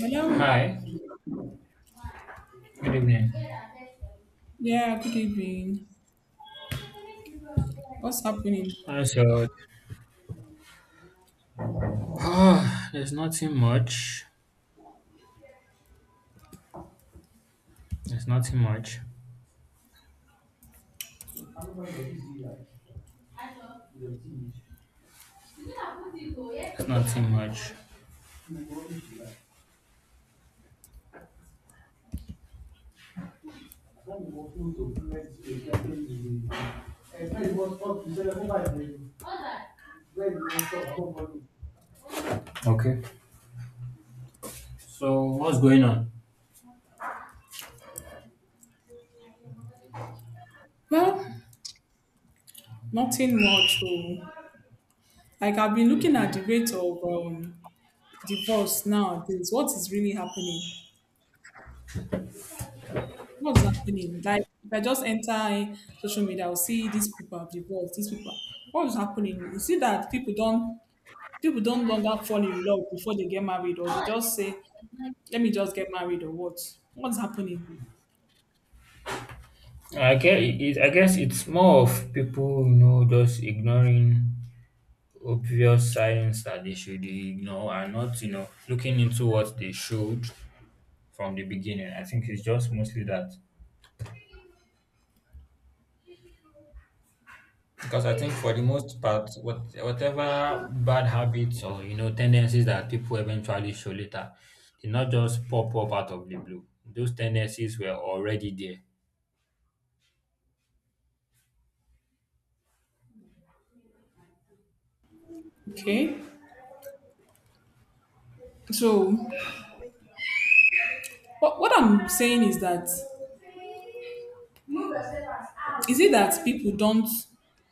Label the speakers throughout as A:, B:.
A: Hello.
B: Hi, good evening.
A: Yeah, good evening. What's happening?
B: So there's nothing much. There's nothing much. There's nothing much. Okay. So what's going on?
A: Well, nothing much. Oh. Like I've been looking at the rate of divorce nowadays. What is really happening? What's happening? Like if I just enter social media, I'll see these people have divorced. These people. What's happening? You see that people don't longer fall in love before they get married, or they just say, "Let me just get married," or what? What's happening?
B: I guess it's more of people, you know, just ignoring obvious signs that they should ignore and not, you know, looking into what they should from the beginning. I think it's just mostly that. Because I think for the most part, whatever bad habits or you know tendencies that people eventually show later, did not just pop up out of the blue. Those tendencies were already there.
A: Okay. So what I'm saying is that is it that people don't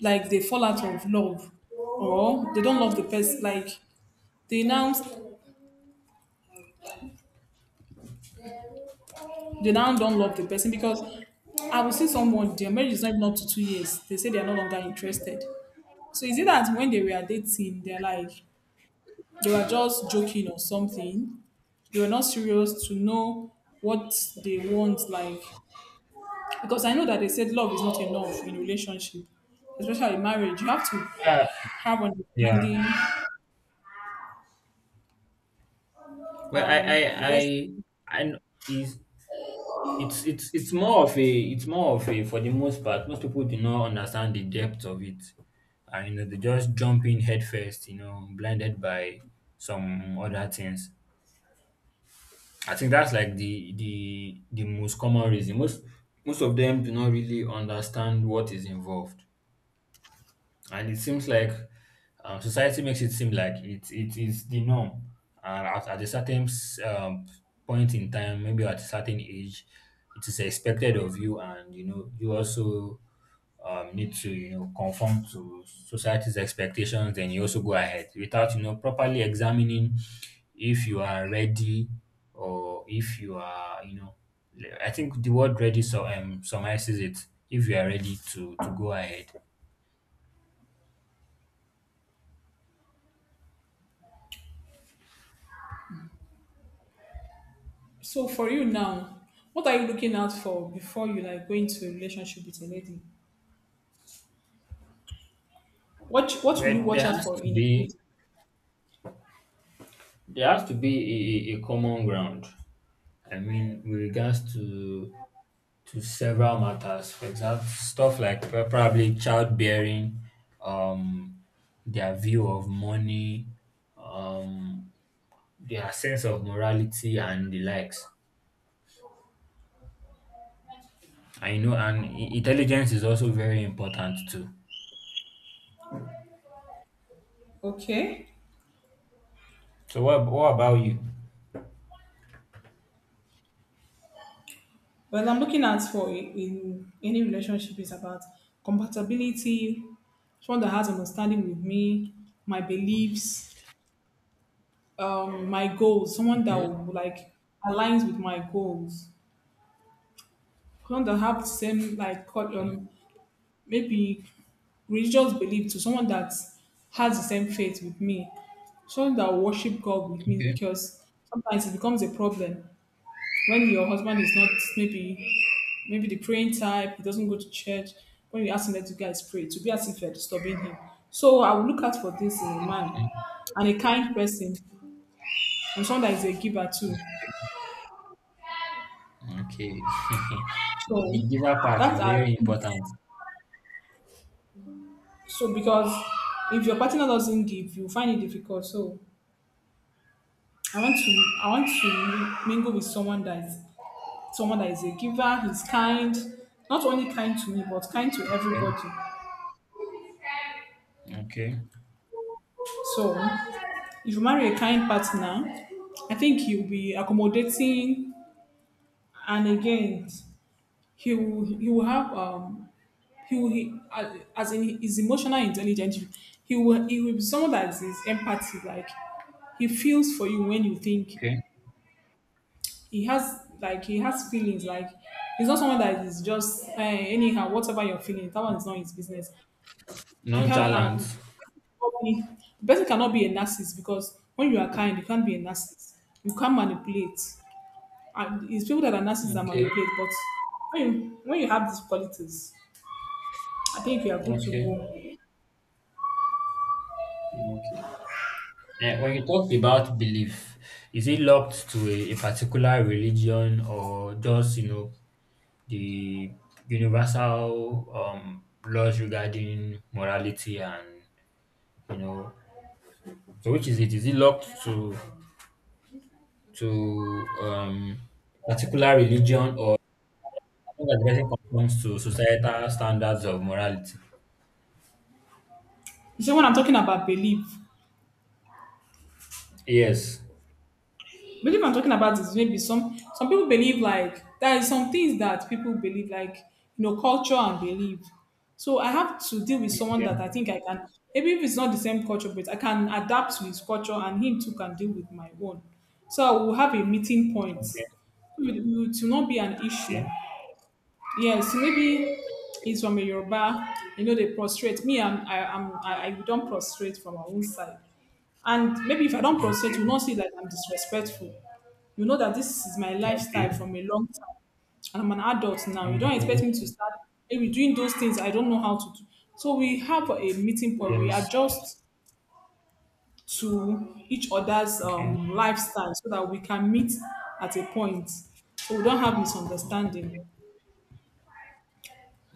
A: like they fall out of love or they don't love the person like they now they now don't love the person because I will see someone their marriage is not even up to 2 years, they say they are no longer interested. So is it that when they were dating they're like they were just joking or something, they were not serious to know what they want. Like because I know that they said love is not enough in relationship, especially in marriage. You have to
B: Yeah,
A: have
B: yeah.
A: understanding
B: Well,
A: and the rest.
B: I kn- is It's more of a for the most part, most people do not understand the depth of it. And you know, they just jump in head first, you know, blinded by some other things. I think that's like the most common reason. Most of them do not really understand what is involved and it seems like society makes it seem like it is the norm and at a certain point in time maybe at a certain age it is expected of you and you know you also need to you know conform to society's expectations and you also go ahead without you know properly examining if you are ready or if you are you know I think the word ready so summarizes it if you are ready to go ahead.
A: So for you now, what are you looking out for before you like go into a relationship with a lady? What will you
B: Well,
A: watch out for in a lady?
B: there has to be a common ground. I mean, with regards to several matters, for example, stuff like probably childbearing, um, their view of money, um, their sense of morality, and the likes. And you know, and intelligence is also very important too.
A: Okay.
B: So, what about you?
A: Well, I'm looking at for in any relationship is about compatibility, someone that has understanding with me, my beliefs, my goals, someone that
B: Okay.
A: will, like, aligns with my goals. Someone that have the same like
B: Okay.
A: maybe religious belief, to someone that has the same faith with me, someone that worship God with me.
B: Okay.
A: Because sometimes it becomes a problem when your husband is not maybe the praying type, he doesn't go to church. When you ask him let you guys pray, to be as if you're disturbing him. So I will look out for this in a man, and a kind person, and someone that is a giver too.
B: Okay. The
A: So
B: giver part
A: that
B: is
A: are
B: very important.
A: so because if your partner doesn't give, you find it difficult. So I want to mingle with someone that is a giver, he's kind, not only kind to me, but kind to
B: Okay.
A: everybody.
B: Okay,
A: So if you marry a kind partner, I think he'll be accommodating, and again he will have he as in his emotional intelligence, he will be someone that is empathy, like he feels for you when you think.
B: okay.
A: He has like he has feelings, like he's not someone that is just anyhow, whatever you're feeling that one is not his business. I can't
B: Nonchalance.
A: cannot the person cannot be a narcissist, because when you are kind, you can't be a narcissist. You can't manipulate. And it's people that are narcissists that
B: Okay,
A: manipulate. But when you have these qualities, I think you are good to
B: okay,
A: go.
B: okay. And when you talk about belief, is it locked to a particular religion or just, you know, the universal laws regarding morality and you know so which is it? Is it locked to to um particular religion or as long as the person conforms to societal standards of morality?
A: So when I'm talking about belief,
B: Yes.
A: belief I'm talking about is maybe some people believe like there is some things that people believe like, you know, culture and belief. So I have to deal with someone that
B: Okay.
A: I think I can maybe, if it's not the same culture, but I can adapt to his culture and him too can deal with my own. So we'll have a meeting point.
B: Okay.
A: It will not be an issue.
B: Okay.
A: Yes, maybe it's from a Yoruba. You know, they prostrate. Me, I don't prostrate from my own side. And maybe if I don't prostrate, you
B: Okay.
A: will not see that I'm disrespectful. You know that this is my
B: Okay.
A: lifestyle from a long time. And I'm an adult now. You don't expect me to
B: Mm-hmm.
A: start maybe doing those things I don't know how to do. So we have a meeting point. We
B: Yes.
A: adjust to each other's
B: Okay.
A: lifestyle so that we can meet at a point. So we don't have misunderstanding.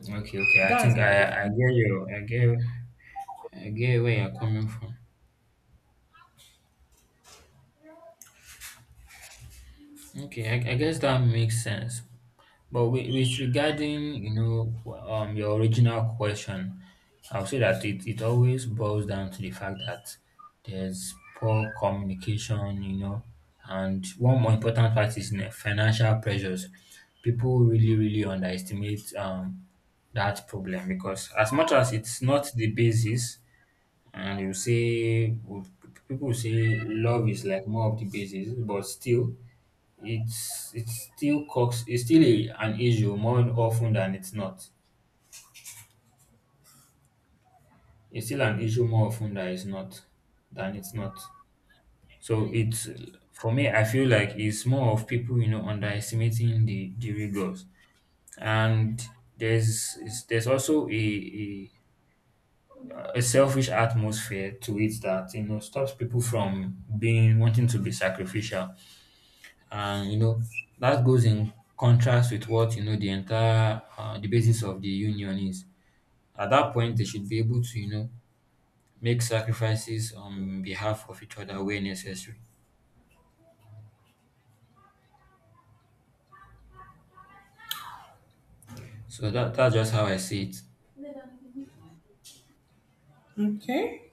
B: Okay. Okay. I
A: That is
B: think
A: my
B: I
A: own.
B: get you. I get where you're coming from. Okay, I guess that makes sense. But with regarding, you know, your original question, I'll say that it always boils down to the fact that there's poor communication, you know, and one more important fact is you know, financial pressures. People really, really underestimate that problem because as much as it's not the basis, and you say people say love is like more of the basis, but still it's still an issue more often than it's not. It's still an issue more often than it's not So it's for me I feel like it's more of people you know underestimating the rigors. And there's also a selfish atmosphere to it that you know stops people from being wanting to be sacrificial and you know that goes in contrast with what you know the entire the basis of the union is. At that point, they should be able to, you know, make sacrifices on behalf of each other where necessary. So that's just how I see it.
A: Okay.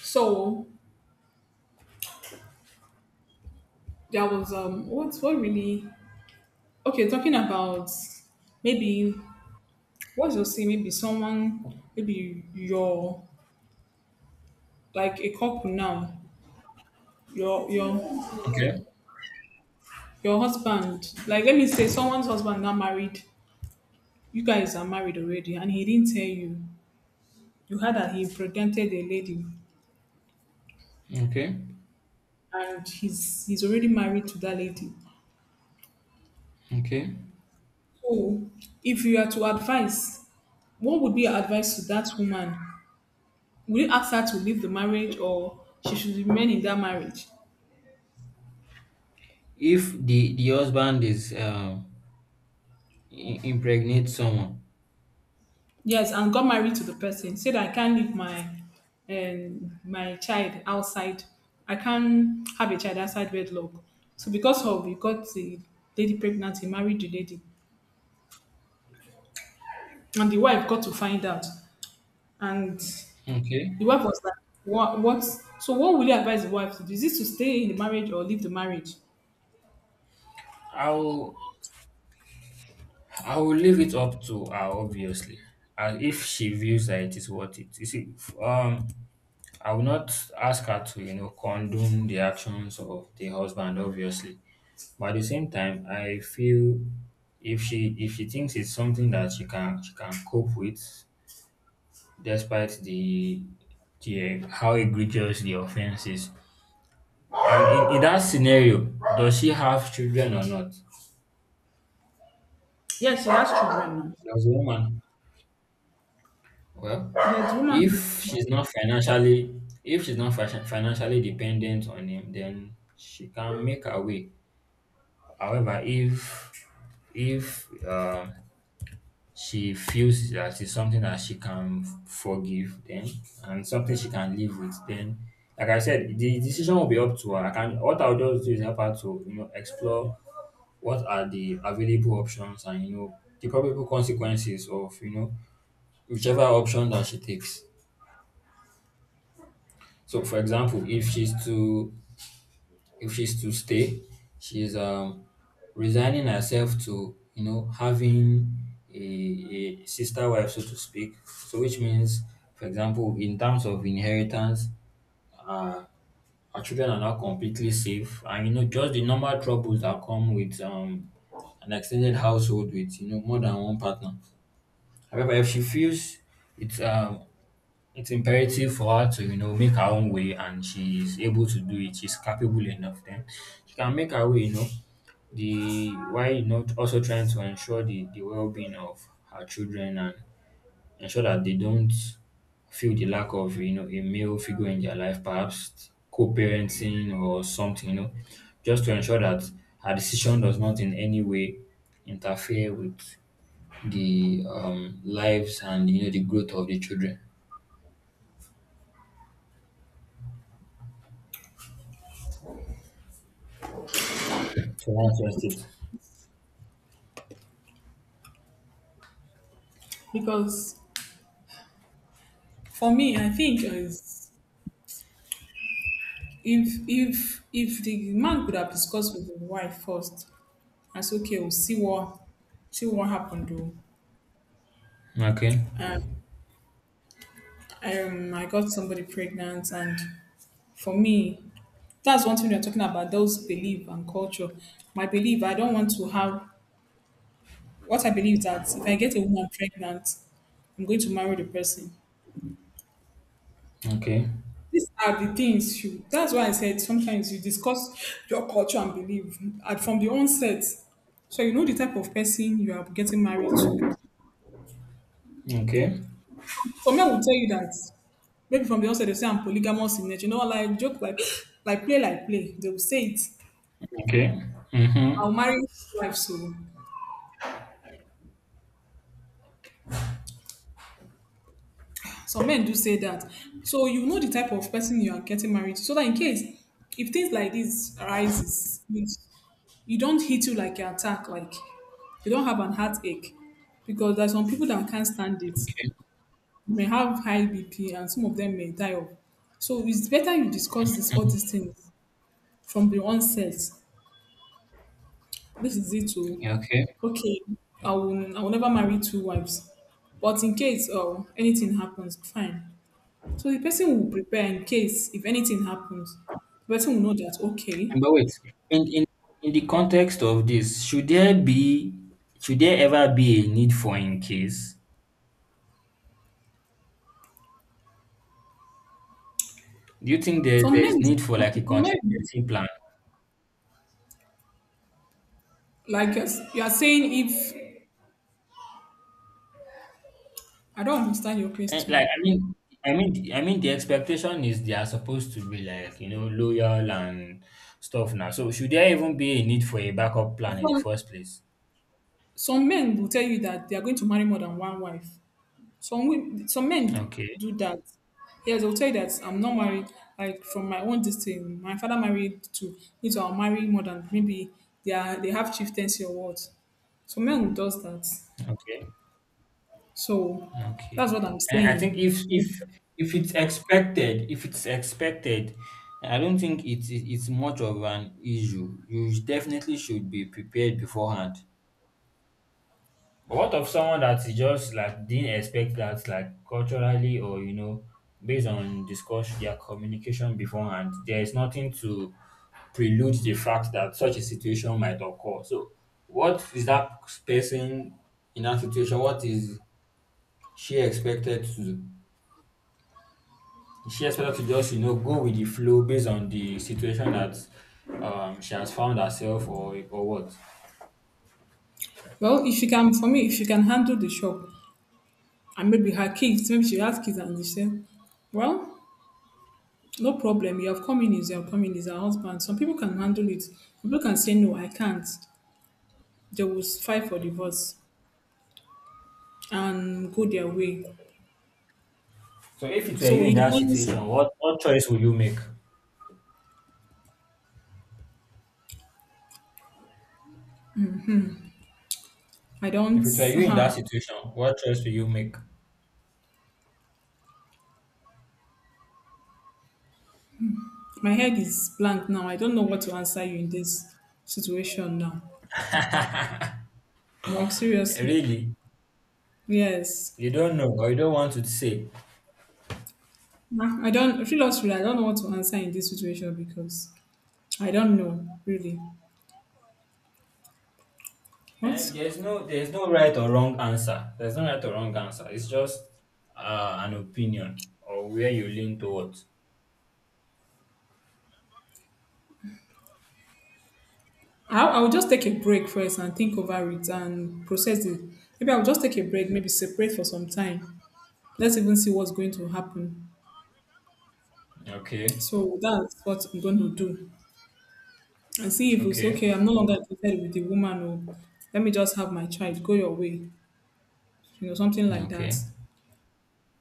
A: So there was what's what really okay, talking about maybe what's your say, maybe someone maybe your like a couple now, your your
B: Okay.
A: your husband, like let me say someone's husband now married, you guys are married already and he didn't tell you. You heard that he pretended a lady
B: Okay.
A: and he's already married to that lady.
B: Okay.
A: So if you are to advise, what would be your advice to that woman? Will you ask her to leave the marriage or she should remain in that marriage?
B: If the husband is impregnate someone,
A: Yes, and got married to the person. Said I can't leave my my child outside. I can't have a child outside wedlock. So because of we got the lady pregnant, he married the lady, and the wife got to find out, and
B: okay,
A: the wife was like, "What? What? So what will you advise the wife to do? Is this to stay in the marriage or leave the marriage?"
B: I will I will leave it up to her obviously, and if she views that it is worth it. You see, um, I will not ask her to, you know, condone the actions of the husband, obviously. But at the same time, I feel if she thinks it's something that she can cope with, despite the how egregious the offense is. And in that scenario, does she have children or not?
A: Yes, she has children now.
B: Does the woman? Well,
A: Yeah, the woman
B: if
A: has-
B: she's not financially if she's not fashion- financially dependent on him, then she can make her way. However, if she feels that it's something that she can forgive, then and something she can live with, then like I said, the decision will be up to her. I can what I'll just do is help her to you know explore what are the available options and you know the probable consequences of you know whichever option that she takes. So, for example, if she's to stay, she's resigning herself to you know having a sister wife, so to speak. So which means, for example, in terms of inheritance, uh, our children are not completely safe, and you know just the normal troubles that come with an extended household with you know more than one partner. However, if she feels it's um it's imperative for her to, you know, make her own way and she is able to do it. She's capable enough then. She can make her way, you know. The why not also trying to ensure the well being of her children and ensure that they don't feel the lack of, you know, a male figure in their life, perhaps co parenting or something, you know, just to ensure that her decision does not in any way interfere with the lives and you know the growth of the children. So that's just it.
A: because for me, I think is, if if the man could have discussed with the wife first and say, okay, we'll see what happened though.
B: Okay.
A: And I got somebody pregnant. And for me, that's one thing we are talking about, those belief and culture. My belief, I don't want to have what I believe that if I get a woman pregnant, I'm going to marry the person.
B: Okay.
A: These are the things you. That's why I said sometimes you discuss your culture and belief at from the onset, so you know the type of person you are getting married to.
B: Okay.
A: Some men will tell you that maybe from the onset they say I'm polygamous in nature. You know, like joke, like play, like play. They will say it.
B: Okay. Mm-hmm.
A: I'll marry two wives, so some men do say that. So you know the type of person you are getting married to. So that in case if things like this arises, you don't hit you like an attack, like you don't have an heartache. Because there are some people that can't stand it.
B: Okay.
A: You may have high BP and some of them may die off. So it's better you discuss this all
B: Mhm.
A: these things from the onset. This is it too.
B: Yeah, okay.
A: Okay, I will never marry two wives. But in case anything happens, fine. So the person will prepare in case if anything happens. The person will know that okay.
B: And but wait, in, in in the context of this, should there ever be a need for in case? Do you think
A: Some
B: there is
A: men,
B: need for
A: some
B: like a
A: men,
B: contingency plan?
A: like you're you are saying, if I don't understand your
B: And like
A: question,
B: I mean the expectation is they are supposed to be like, you know, loyal and stuff now. So should there even be a need for a backup plan in the
A: some
B: first place?
A: some men will tell you that they are going to marry more than one wife. Some men
B: Okay.
A: do that. Yes, they'll tell you that I'm not married. Like from my own distance, my father married two. Me too, I'll marry more than maybe they are they have chieftaincy or what. So men will does that.
B: Okay.
A: So
B: Okay.
A: that's what I'm
B: And I think
A: saying.
B: if it's expected, I don't think it- it's much of an issue. You definitely should be prepared beforehand. But what of someone that is just like didn't expect that, like culturally or you know, based on discussion, their communication beforehand, there is nothing to prelude the fact that such a situation might occur. So, what is that person in that situation? What is she expected to do? She expected to just you know go with the flow based on the situation that she has found herself or what.
A: Well, if you can, for me, if you can handle the shop and maybe her kids, maybe she has kids and she said, well, no problem. You have come in, is your coming is her husband. Some people can handle it. Some people can say no, I can't. They will fight for divorce and go their way.
B: So if it were you
A: So
B: in
A: it
B: that
A: depends.
B: situation, what choice would you make?
A: I don't.
B: If it were you in that situation, what choice will you make?
A: My head is blank now. I don't know what to answer you in this situation now. Like
B: Eh,
A: seriously,
B: really,
A: yes.
B: you don't know or you don't want to say.
A: I don't. Seriously, I don't know what to answer in this situation because I don't know really. What?
B: And there's no right or wrong answer. There's no right or wrong answer. It's just an opinion or where you lean towards.
A: I'll just take a break first and think over it and process it. Maybe I'll just take a break, maybe separate for some time. Let's even see what's going to happen.
B: Okay,
A: So that's what I'm going to do. And see if it's
B: okay,
A: okay. I'm no longer interested with the woman, or let me just have my child. Go your way. You know, something like that.
B: okay,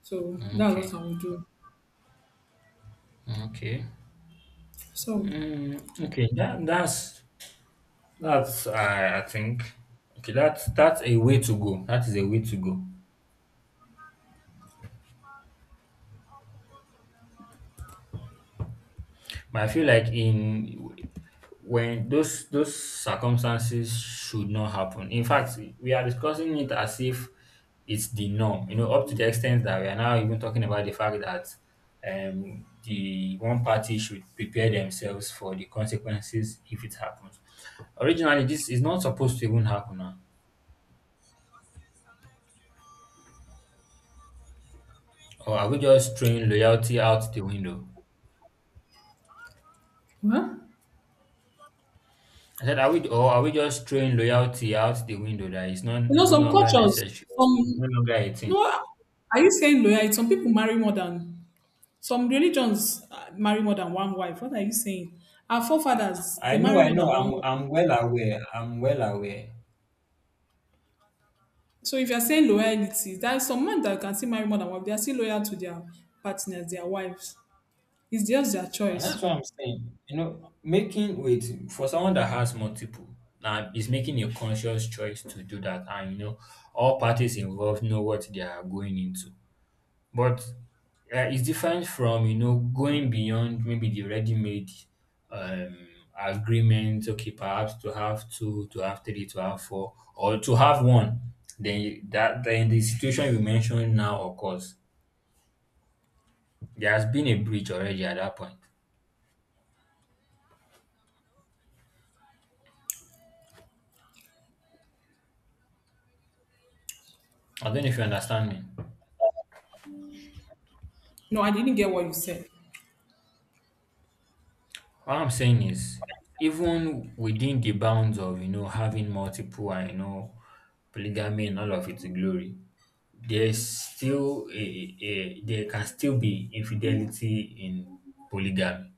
A: So
B: okay,
A: that's what I will do.
B: okay.
A: So,
B: Mm, okay, that's I think okay that's a way to go. That is a way to go. But I feel like in when those circumstances should not happen. In fact, we are discussing it as if it's the norm. You know, up to the extent that we are now even talking about the fact that the one party should prepare themselves for the consequences if it happens. Originally, this is not supposed to even happen. Or are we just throwing loyalty out the window?
A: huh?
B: I said, are we or are we just throwing loyalty out the window that it's not
A: You
B: it's
A: know,
B: no
A: some
B: longer
A: cultures,
B: necessary? It's
A: some,
B: no longer a thing.
A: no, are you saying loyalty? Some people marry more than some religions marry more than one wife. What are you saying? Our forefathers, they marry
B: I
A: more
B: know,
A: than one wife.
B: I'm well aware. I'm well aware.
A: So if you're saying loyalty, there are some men that can still marry more than one wife. They are still loyal to their partners, their wives. It's just their
B: And that's
A: choice.
B: what I'm saying. You know, making wait for someone that has multiple now is making a conscious choice to do that and you know all parties involved know what they are going into. But it's different from you know going beyond maybe the ready-made um, agreement. Okay, perhaps to have two, to have three, to have four, or to have one. Then you- that then the situation you mentioned now occurs. There has been a breach already at that point. I don't know if you understand me.
A: No, I didn't get what you said.
B: What I'm saying is, even within the bounds of you know having multiple and you know polygamy and all of its glory, there's still a there can still be infidelity in polygamy.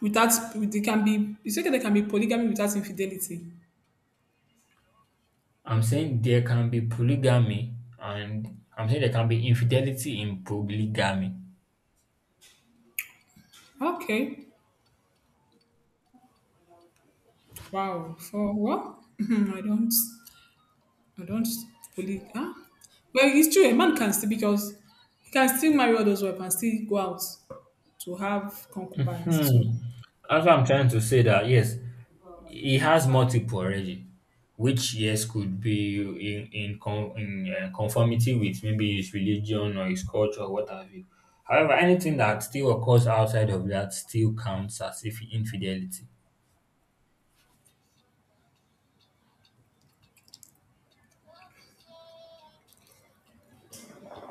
A: Without, they can be, you said that there can be polygamy without infidelity.
B: I'm saying there can be polygamy and I'm saying there can be infidelity in polygamy.
A: Okay. Wow. For what? I don't. I don't fully. Huh? Well, it's true. A man can still because he can still marry all those wives and still go out to have concubines too.
B: Hmm. That's what I'm trying to say that yes, he has multiple already, which yes could be in in conformity with maybe his religion or his culture or what have you. However, anything that still occurs outside of that still counts as if infidelity.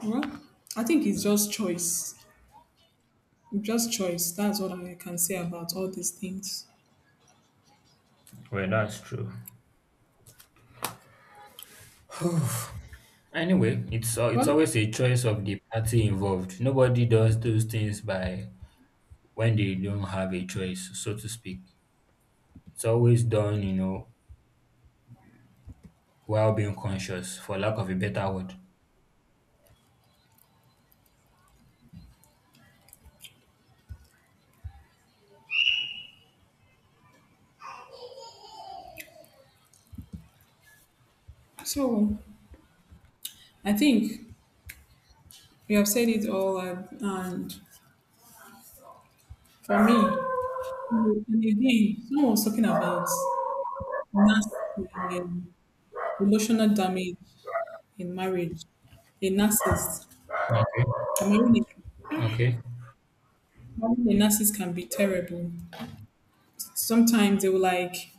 A: Well, I think it's just choice. Just choice. That's what I can say about all these things.
B: Well, that's true. Anyway, it's
A: Well,
B: always a choice of the party involved. Nobody does those things by when they don't have a choice, so to speak. It's always done, you know, while being conscious, for lack of a better word.
A: so I think we have said it all, and for me, and again, someone was talking about nas- um, emotional damage in marriage. A narcissist.
B: Okay.
A: I'm marrying.
B: Okay.
A: Having a narcissist can be terrible. Sometimes they will like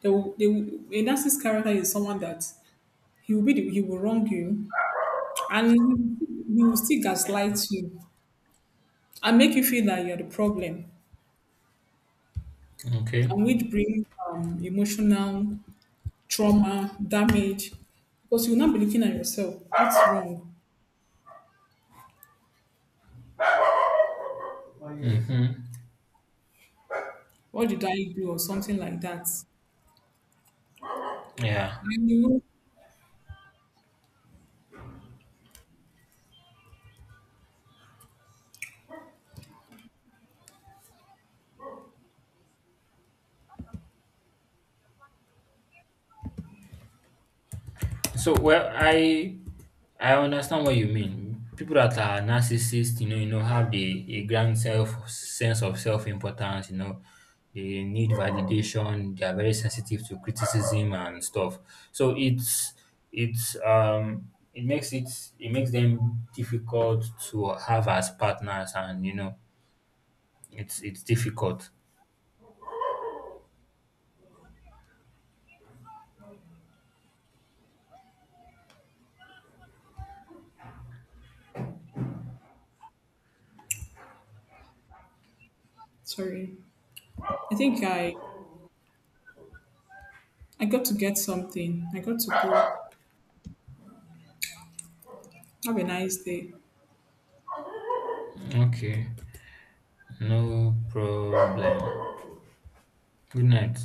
A: they will, they will, a narcissist character is someone that he will be the, he will wrong you, and he will still gaslight you and make you feel that you're the problem,
B: Okay.
A: and which brings emotional trauma damage, because you will not be looking at yourself. What's wrong?
B: Mm-hmm.
A: What did I do or something like that?
B: Yeah.
A: And you will,
B: So well, I understand what you mean. People that are narcissists, you know, have the a grand self sense of self importance. You know, they need validation. They are very sensitive to criticism and stuff. So it makes it makes them difficult to have as partners, and you know, it's difficult.
A: sorry. I think I got to get something. I got to go. Have a nice day.
B: Okay, no problem. Good night.